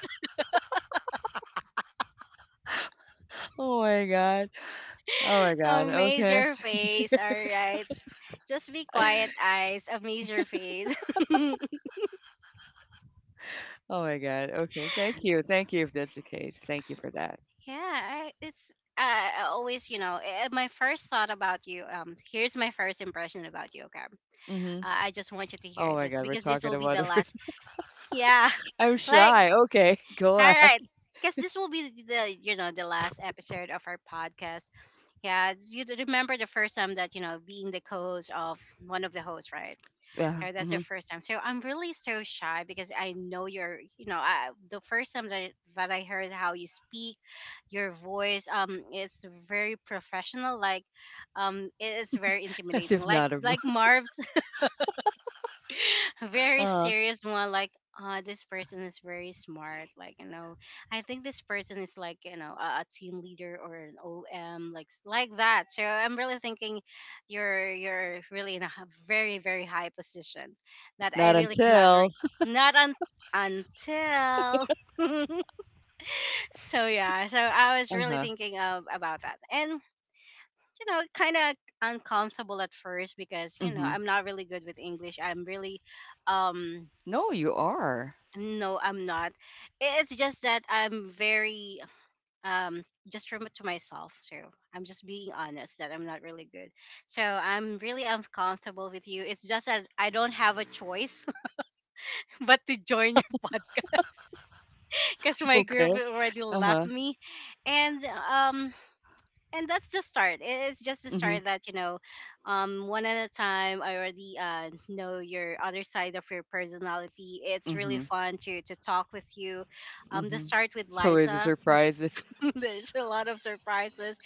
Oh my God. Oh my God. Amaze Okay. your face. All right. Just be quiet, eyes. Amaze your face. Oh my God. Okay. Thank you. Thank you if that's the case. Thank you for that. Yeah, I always, my first thought about you. Here's my first impression about you. Okay, Mm-hmm. I just want you to Oh hear my this God. We're because this talking will be about the a last. person. Yeah, I'm like, shy. Okay. Go all ahead. right, because this will be the the last episode of our podcast. Yeah, remember the first time that being the co-host of one of the hosts, right? Yeah. So that's the Mm-hmm. first time. So I'm really so shy because I know you're, I, the first time that I heard how you speak, your voice, it's very professional. Like, it is very As intimidating. if not. Like Marv's a very Uh, serious one like this person is very smart like I think this person is like a team leader or an om like like that. So I'm really thinking you're really in a very very high position that I not really cannot until. Not un- until. So yeah, so I was Uh really huh. thinking of about that, and kind of uncomfortable at first because you know Mm-hmm. I'm not really good with English. I'm really um No, you are. No, I'm not. It's just that I'm very just from to myself. So I'm just being honest that I'm not really good. So I'm really uncomfortable with you. It's just that I don't have a choice but to join your podcast because my group already Okay. left Uh-huh. me, and um and that's just start. It's just a Mhm, start that one at a time. I already know your other side of your personality. It's really mhm, fun to talk with you. To mhm. start with It's always a Liza, surprise. It's there's a lot of surprises,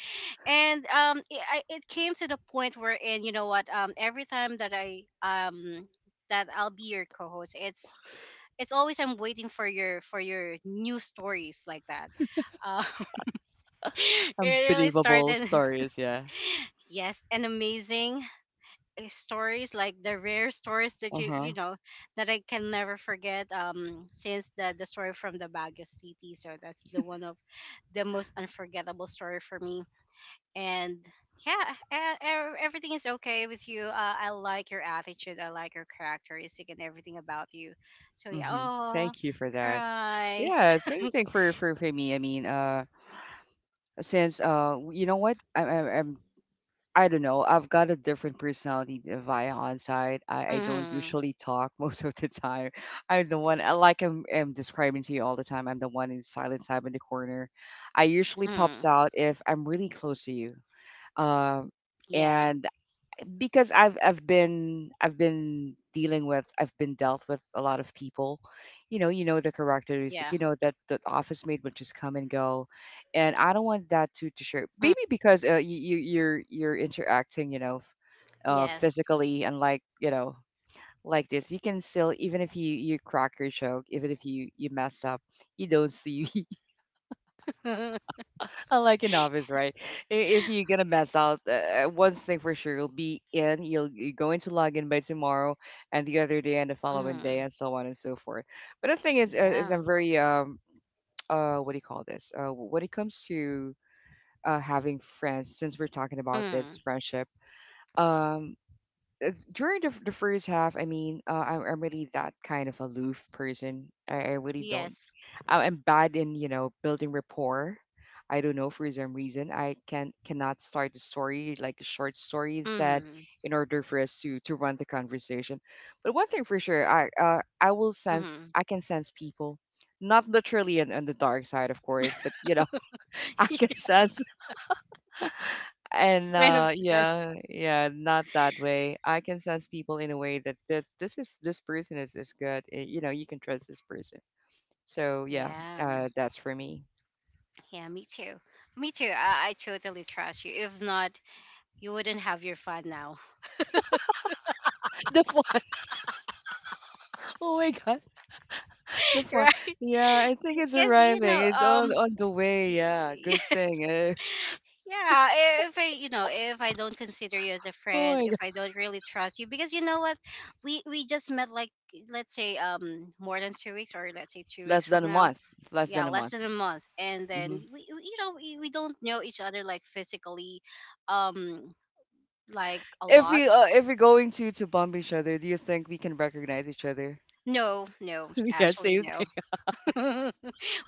and it came to the point where, in what, every time that I that I'll be your co-host, it's always I'm waiting for your new stories like that. Um, it really unbelievable started stories, yeah. yes, and amazing stories like the rare stories that you you Uh-huh. know that I can never forget since the story from the Baguio City. So that's the one of the most unforgettable story for me, and yeah, everything is okay with you. I like your attitude, I like your characteristic and everything about you. So yeah, Mhm. oh, Thank you for that. cry. Yeah, same thing for me. I mean, since you know what? I don't know. I've got a different personality than via on-site. I don't Mm, usually talk most of the time. I'm the one, I like I'm describing to you all the time, I'm the one in silent time in the corner. I usually pops mm, out if I'm really close to you. Um, yeah, and because I've been dealt with a lot of people, you know the characteristic, yeah, you know that the office mate would just come and go, and I don't want that to share, mm, maybe because you're interacting, you know, yes, physically, and like, you know, like this you can still, even if you crack your joke, even if you messed up, you don't see. I, like, in office, right? If you're gonna mess out, one thing for sure, you'll be in. You're going to log in by tomorrow, and the other day, and the following day, mm, and so on and so forth. But the thing is yeah, I'm very what do you call this? When it comes to having friends, since we're talking about this mm, friendship, um during the first half, I mean, I'm really that kind of aloof person. I really don't. yes. I'm bad in, building rapport. I don't know for some reason I cannot start a story like a short story instead Mm. in order for us to run the conversation. But one thing for sure, Mm-hmm. I can sense people, not literally on the dark side, of course, but you know I can sense and kind of uh sense. yeah yeah not that way. I can sense people in a way that this person is good. You know you can trust this person. So yeah, Yeah, mm, that's for me. yeah, me too. Me too. I totally trust you. If not, you wouldn't have your fun now, The one. Oh my God, the fun. right? Yeah, I think it's Because you know, arriving. It's on on the way. Yeah, y- good yes, thing. Eh. yeah. If I, you know, if I don't consider you as a Oh friend, my if I God, don't really trust you, because you know what, we just met like, let's say more than 2 weeks, or let's say two less weeks than from a now. month. Less Yeah, than a less month. than a month, and then hmm you know, we don't know each other like physically, um like a If lot. we if we're going to bump each other, do you think we can recognize each other? No, no, Yeah, actually, same no. thing.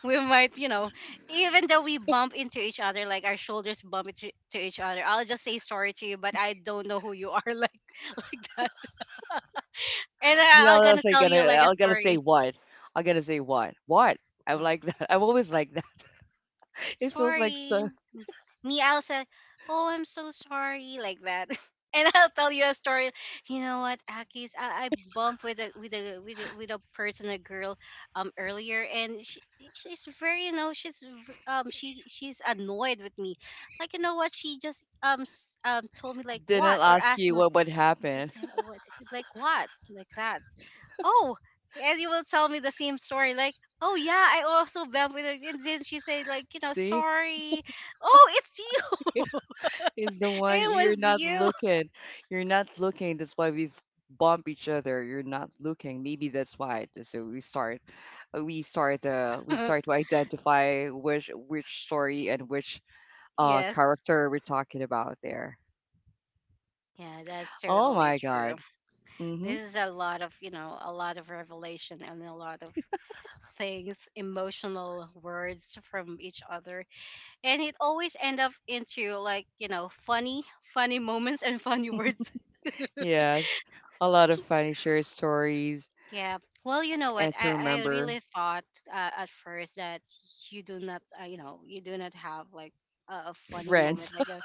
We might, you know, even though we bump into each other, like our shoulders bump into to each other, I'll just say sorry to you, but I don't know who you are, like that. And Me, I'm I'll gonna just like tell gonna you like a I'll gonna say story. what? I'm gonna say what? What? I'm Wow. like that. I'm always like that. It feels like Sorry. so Me, I'll say, "Oh, I'm so sorry," like that. And I'll tell you a story. You know what, Akis? I bumped with a with a person, a girl, earlier, and she's very, you know, she she's annoyed with me. Like, you know what? She just told me like didn't what, or ask asked you me, what would you happen. just say, what, like what, like that. Oh, and you will tell me the same story like, oh yeah, I also bumped with her, and then she said like, you know, See? sorry, oh it's you. Is the one It you're not was looking. You're not looking. That's why we've bump each other. You're not looking. Maybe that's why. So we start, we you start to identify which story and which yes, character we're talking about there. yeah, that's Oh totally my true. God. Mm-hmm. This is a lot of a lot of revelation and a lot of things, emotional words from each other, and it always end up into like, you know, funny funny moments and funny words. Yes, a lot of funny shared stories Yeah. Well, you know what? and to I remember really thought at first that you do not, you do not have like a funny friends moment, like a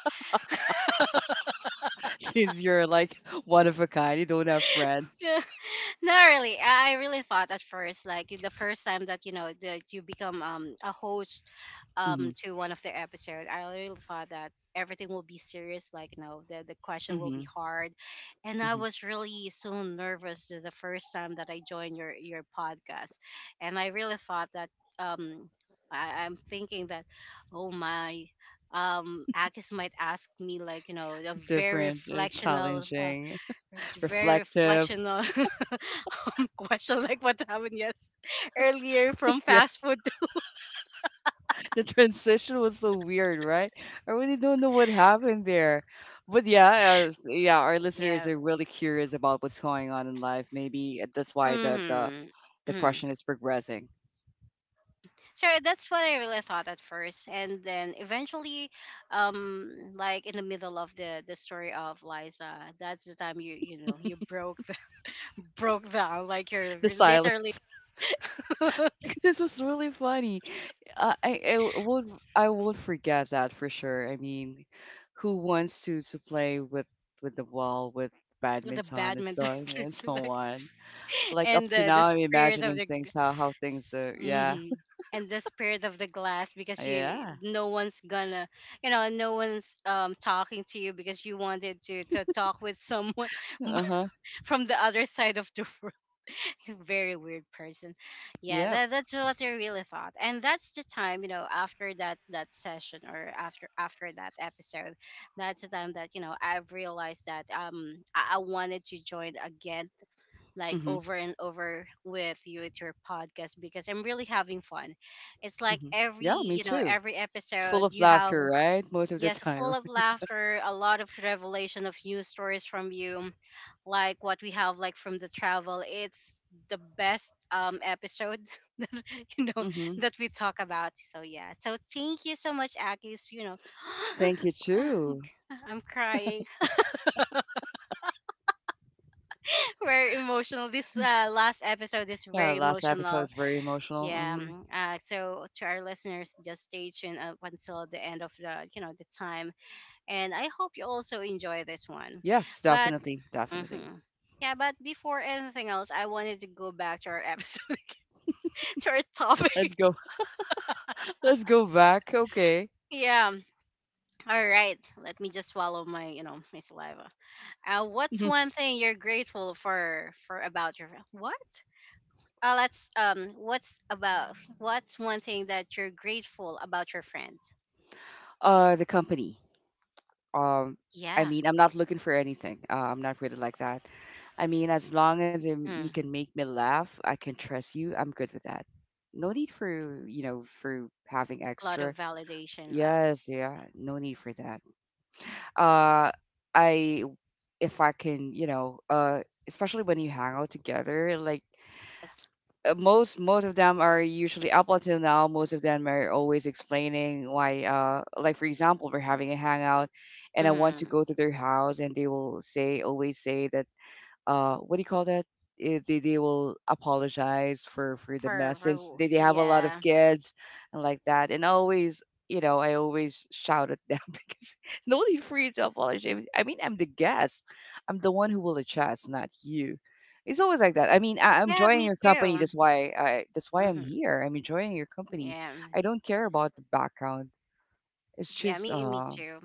since you're like one of a kind. You don't have friends. Not really. I really thought at first, like the first time that that you become a host Mm-hmm. To one of the episode, I really thought that everything will be serious, like you know the question will Mm-hmm. be hard, and I Mhm. was really so nervous the first time that I joined your podcast, and I really thought that um I'm thinking that, oh my, Akis might ask me like you know a Different, challenging. very Reflective. reflectional question, like what happened, yes, earlier from fast Yes. food, to- The transition was so weird, right? I really don't know what happened there. But yeah, as, yeah, our listeners are yes. really curious about what's going on in life. Maybe that's why Mm-hmm. the Mm. question is progressing. So that's what I really thought at first, and then eventually, like in the middle of the story of Liza, that's the time you you know you broke the, broke down, like you're The literally silence. the This was really funny. I would forget that for sure. I mean, who wants to play with the wall with badminton and so badminton and so like, on? Like up and to the now, I'm spirit of imagining the things how things are. Yeah, Mm-hmm. And the spirit of the glass, because you, yeah. no one's gonna, you know, no one's talking to you because you wanted to talk with someone Uh huh. from the other side of the world. You, very weird person. Yeah, Yep. that, that's what I really thought. And that's the time, you know, after that that session, or after after that episode, that's the time that you know I've realized that I wanted to join again like Mhm. over and over with you, with your podcast, because I'm really having fun. It's like Mhm. every, Yeah, me you know, too. every It's full episode of you have, laughter, right? Most of the yes, full time. of laughter, a lot of revelation of news stories from you, like what we have like from the travel. It's the best episode that you know Mm-hmm. that we talk about. So yeah. So thank you so much, Akis. You know, Thank you uh, too. I'm crying. Very emotional. This last episode is Yeah, very last episode emotional. is very emotional. Yeah. Mm. So to our listeners, just stay tuned up until the end of the the time, and I hope you also enjoy this one. Yes, But definitely, definitely. mhm, yeah, but before anything else, I wanted to go back to our episode, to our topic. Let's go. Let's go back. Okay. Yeah. All right. Let me just swallow my my saliva. What's one thing you're grateful for about your what? Let's What's about? What's one thing that you're grateful about your friend? The company. um I Yeah. mean, I'm not looking for anything. I'm not really like that. I mean, as long as you Mm. can make me laugh, I can trust you. I'm good with that. No need for, you know, for having A lot extra. of validation left. Yes, yeah, no need for that. Uh, I if I can, you know, especially when you hang out together, like Yes. Most of them are usually up until now most of them are always explaining why like for example we're having a hangout and I want to Mm-hmm. go to their house and they will say always say that uh, what do you call that, eh, they will apologize for the mess since For they have a lot of yeah. kids and like that, and always, you know, I always shout at them because no need for you to apologize. I mean, I'm the guest. I'm the one who will adjust, not you. It's always like that. I mean I'm Yeah, enjoying me your company. too. That's why I'm Mm-hmm. here. I'm enjoying your company. Yeah. I don't care about the background. It's Yeah, just me me too.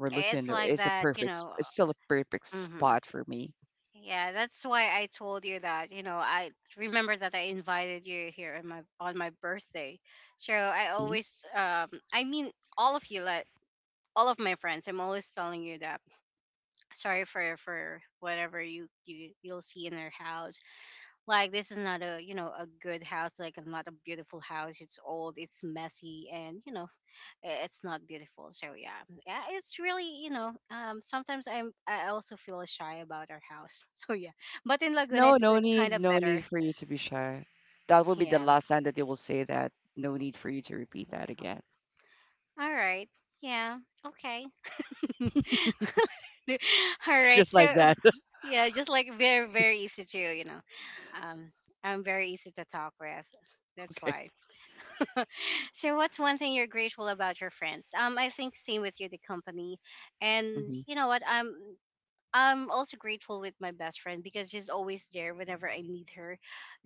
we're looking. It's like It's a that, you know. it's still a perfect Mm-hmm. spot for me. Yeah, that's why I told you that, you know, I remember that I invited you here on my birthday. So I always, I mean, all of you, like, all of my friends, I'm always telling you that sorry for whatever you'll see in our house, like this is not a you know a good house, like not a beautiful house, it's old, it's messy, and it's not beautiful, so yeah. Yeah, it's really, sometimes I also feel shy about our house, so yeah. But in Laguna No, it's kind of no better. need for you to be shy. That will be the Yeah. last time that you will say that. No need for you to repeat that Oh, again. all right. Yeah. Okay. All right, Just like so that. yeah, just like very very easy to, um I'm very easy to talk with, that's Okay. why. So what's one thing you're grateful about your friends? I think same with you, the company. And Mm-hmm. you know what, I'm also grateful with my best friend, because she's always there whenever I need her.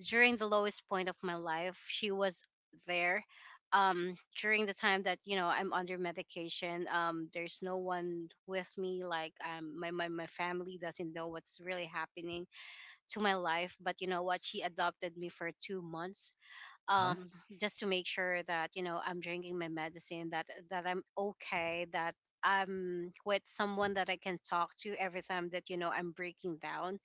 During the lowest point of my life, she was there. um During the time that, I'm under medication, there's no one with me, like, my family doesn't know what's really happening to my life. But you know what, she adopted me for 2 months, Huh? um just to make sure that, I'm drinking my medicine, that I'm okay, that I'm with someone that I can talk to every time that, I'm breaking down.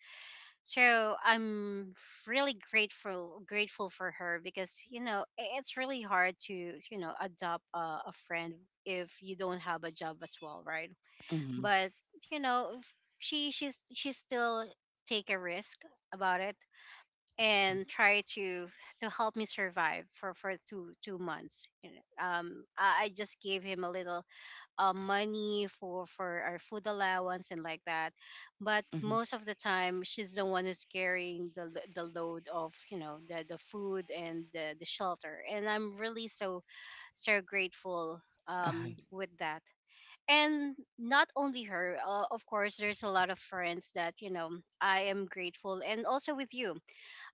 So I'm really grateful for her, because, it's really hard to, adopt a friend if you don't have a job as well, right? Mm-hmm. But you know, she still take a risk about it, and try to help me survive for two months. I just gave him a little money for our food allowance and like that. But Mm-hmm. most of the time she's the one who's carrying the the load of, the food and the shelter, and I'm really so so grateful Uh-huh. with that. And not only her, of course there's a lot of friends that, I am grateful, and also with you.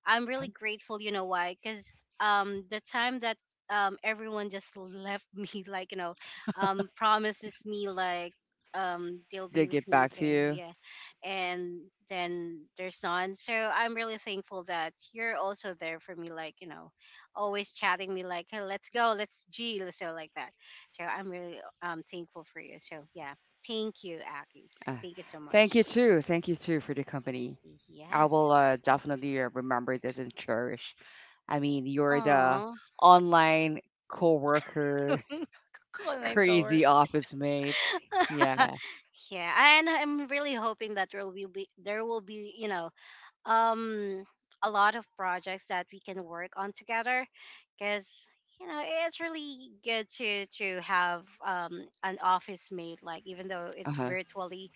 I'm Huh? really grateful, you know why? Because, the time that, everyone just left me, like, promises me, like, they'll be They with get me, back so to you. yeah. Yeah, and then there's none, so I'm really thankful that you're also there for me, like, always chatting me like, hey, let's go, let's g so like that. So I'm really thankful for you, so yeah. Thank you, Akis, Uh, thank you so thank much. you too. Thank you too for the company. I Yes. will definitely remember this and cherish. I mean, you're the Oh. online coworker, online co crazy office mate. Yeah. Yeah, and I'm really hoping that there will be, um a lot of projects that we can work on together, because, it's really good to have, an office mate, like, even though it's Uh-huh. virtually,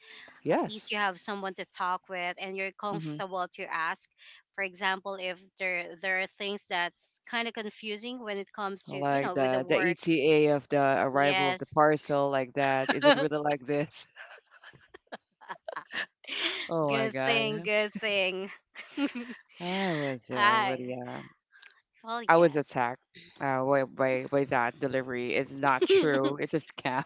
at least you Yes. have someone to talk with, and you're Mm-hmm. comfortable to ask, for example, if there are things that's kind of confusing when it comes to, Like with the the work. ETA of the arrival of the Yes. parcel, like that. Is it really like this? Oh my Good thing, God. good thing. I was uh, I, really uh, well, I was yes. attacked by by that delivery. It's not true. It's a scam.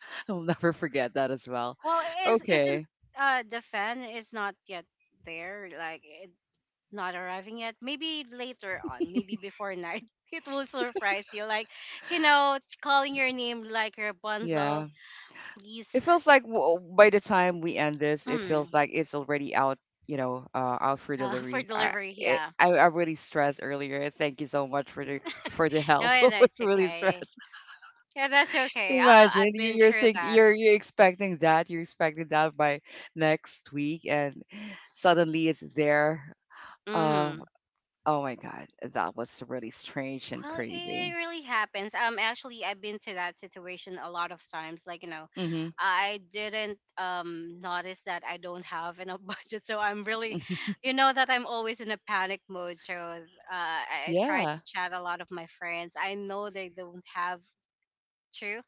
I'll never forget that as well. Well, is isn't Okay, the fan is not yet there, like it, not arriving yet? Maybe later on, maybe before night, it will surprise you. Like, calling your name like your Rapunzel. yeah. It Please. feels like by the time we end this, it feels mm, like it's already out. You know, out for for delivery. Delivery. Yeah, I really stressed earlier. Thank you so much for the no, help. I no, was it's really okay. stressed. Yeah, that's okay. Imagine I've been through that. You're expecting that by next week and suddenly it's there. Uh Mhm. oh my God, that was really strange and Well, it crazy. really happens. Actually, I've been to that situation a lot of times. Like, Mhm. I didn't notice that I don't have enough budget, so I'm really, Mm, that I'm always in a panic mode. So I try yeah. to chat a lot of my friends. I know they don't have. True.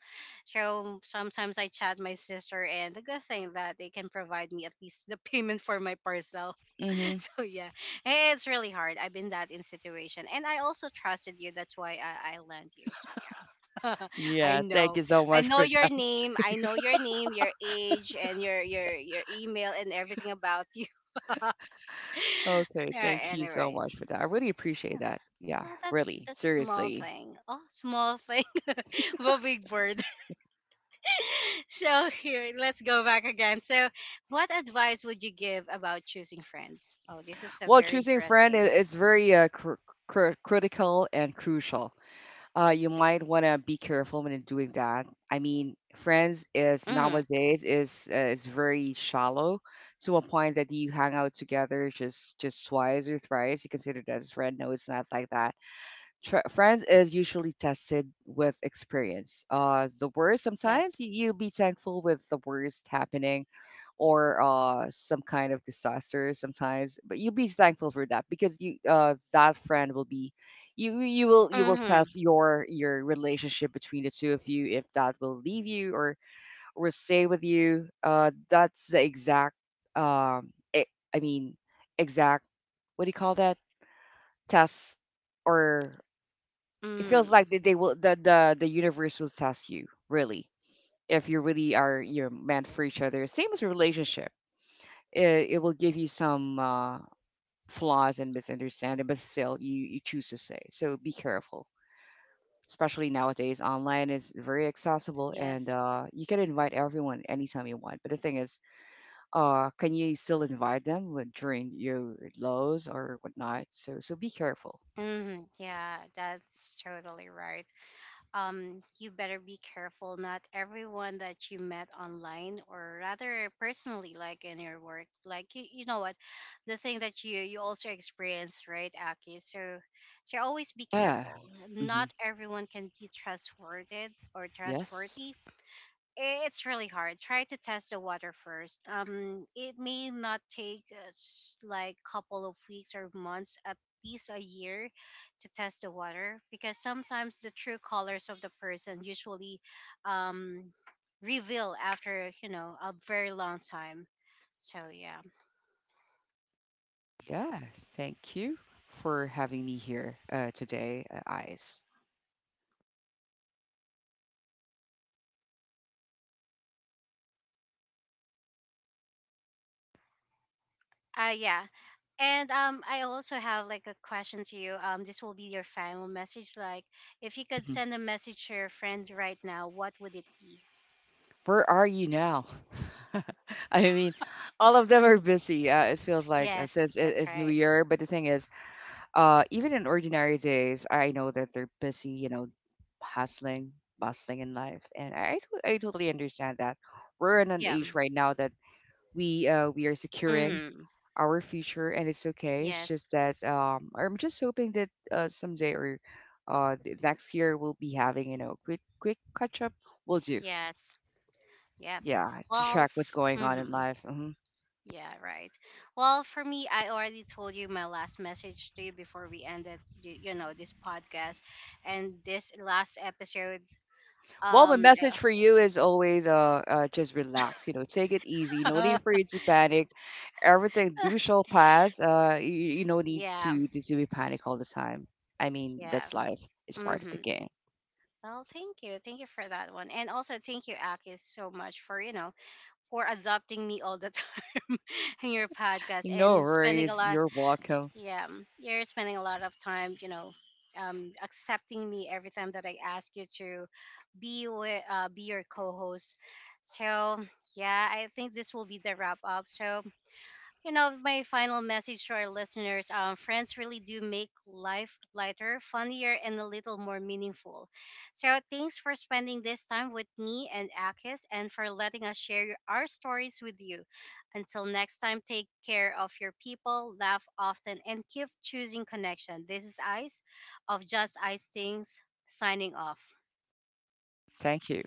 So sometimes I chat my sister, and the good thing that they can provide me at least the payment for my parcel. Mhm. So yeah, it's really hard. I've been that in situation, and I also trusted you. That's why I lent you. So yeah. I Yeah. Thank know, you so I much know for your that. name, your age, and your email, and everything about you. Okay. Yeah, Thank you so anyway, much for that. I really appreciate yeah, that. Yeah. well, that's Really. Small Seriously. thing. Oh, small thing, but big word. So here, let's go back again. So, what advice would you give about choosing friends? Oh, this is a Well, very choosing friend interesting. is very critical and crucial. You might want to be careful when doing that. I mean, friends is Mm, nowadays is very shallow to a point that you hang out together just twice or thrice. You consider that as friend. No, it's not like that. Friends is usually tested with experience. The worst yes. sometimes you, you'll be thankful with the worst happening or some kind of disaster sometimes. But you'll be thankful for that because you that friend will be you will Mm-hmm. test your relationship between the two of you if that will leave you or stay with you. That's the exact um e- I mean exact what do you call that test or it Mm, feels like they will the universe will test you, really, if you really are you're meant for each other, same as a relationship. It will give you some flaws and misunderstanding, but still you, you choose to say. So be careful. Especially nowadays, online is very accessible and yes. You can invite everyone anytime you want. But the thing is, can you still invite them when- during your lows or whatnot? So so be careful. Mm, yeah, that's totally right. You better be careful. Not everyone that you met online, or rather personally, like in your work, like, you know what, the thing that you also experience, right, Aki? So, so always be Yeah. careful. hmm Not everyone can be trustworthy, or Yes. trustworthy, it's really hard. Try to test the water first. It may not take like couple of weeks or months, at least a year, to test the water, because sometimes the true colors of the person usually, um, reveal after, a very long time. So yeah. Yeah. Thank you for having me here today, Ice. Yeah. And, I also have like a question to you. This will be your final message. Like, if you could Mhm. send a message to your friend right now, what would it be? Where are you now? I mean, all of them are busy. It feels like Yes, since that's it's New right. Year, but the thing is, even in ordinary days, I know that they're busy. You know, hustling, bustling in life, and I totally understand that. We're in an Yeah. age right now that we are securing Mm-hmm. our future, and it's okay. It's Yes. just that I'm just hoping that someday or the next year we'll be having you know quick catch up. We'll do, Yes. Yeah. yeah, to Well, track what's going on in mm-hmm. life. Mm-hmm. Yeah, right. Well, for me, I already told you my last message to you before we ended, this podcast and this last episode. Well, my Um, message for you is always just relax. You know, take it easy. No need for you to panic. Everything do shall pass. You no need yeah, to be panic all the time. I mean, yeah. that's life. It's part of the Mm-hmm. game. Well, thank you. Thank you for that one. And also thank you, Akis, so much for, for adopting me all the time. In your podcast No and spending a worries. lot. You're welcome. Yeah. You're spending a lot of time, accepting me every time that I ask you to be your co-host. So yeah, I think this will be the wrap up. So, my final message to our listeners: friends really do make life lighter, funnier, and a little more meaningful. So thanks for spending this time with me and Akis, and for letting us share our stories with you. Until next time, take care of your people, laugh often, and keep choosing connection. This is Ice of Just Ice Things, signing off. Thank you.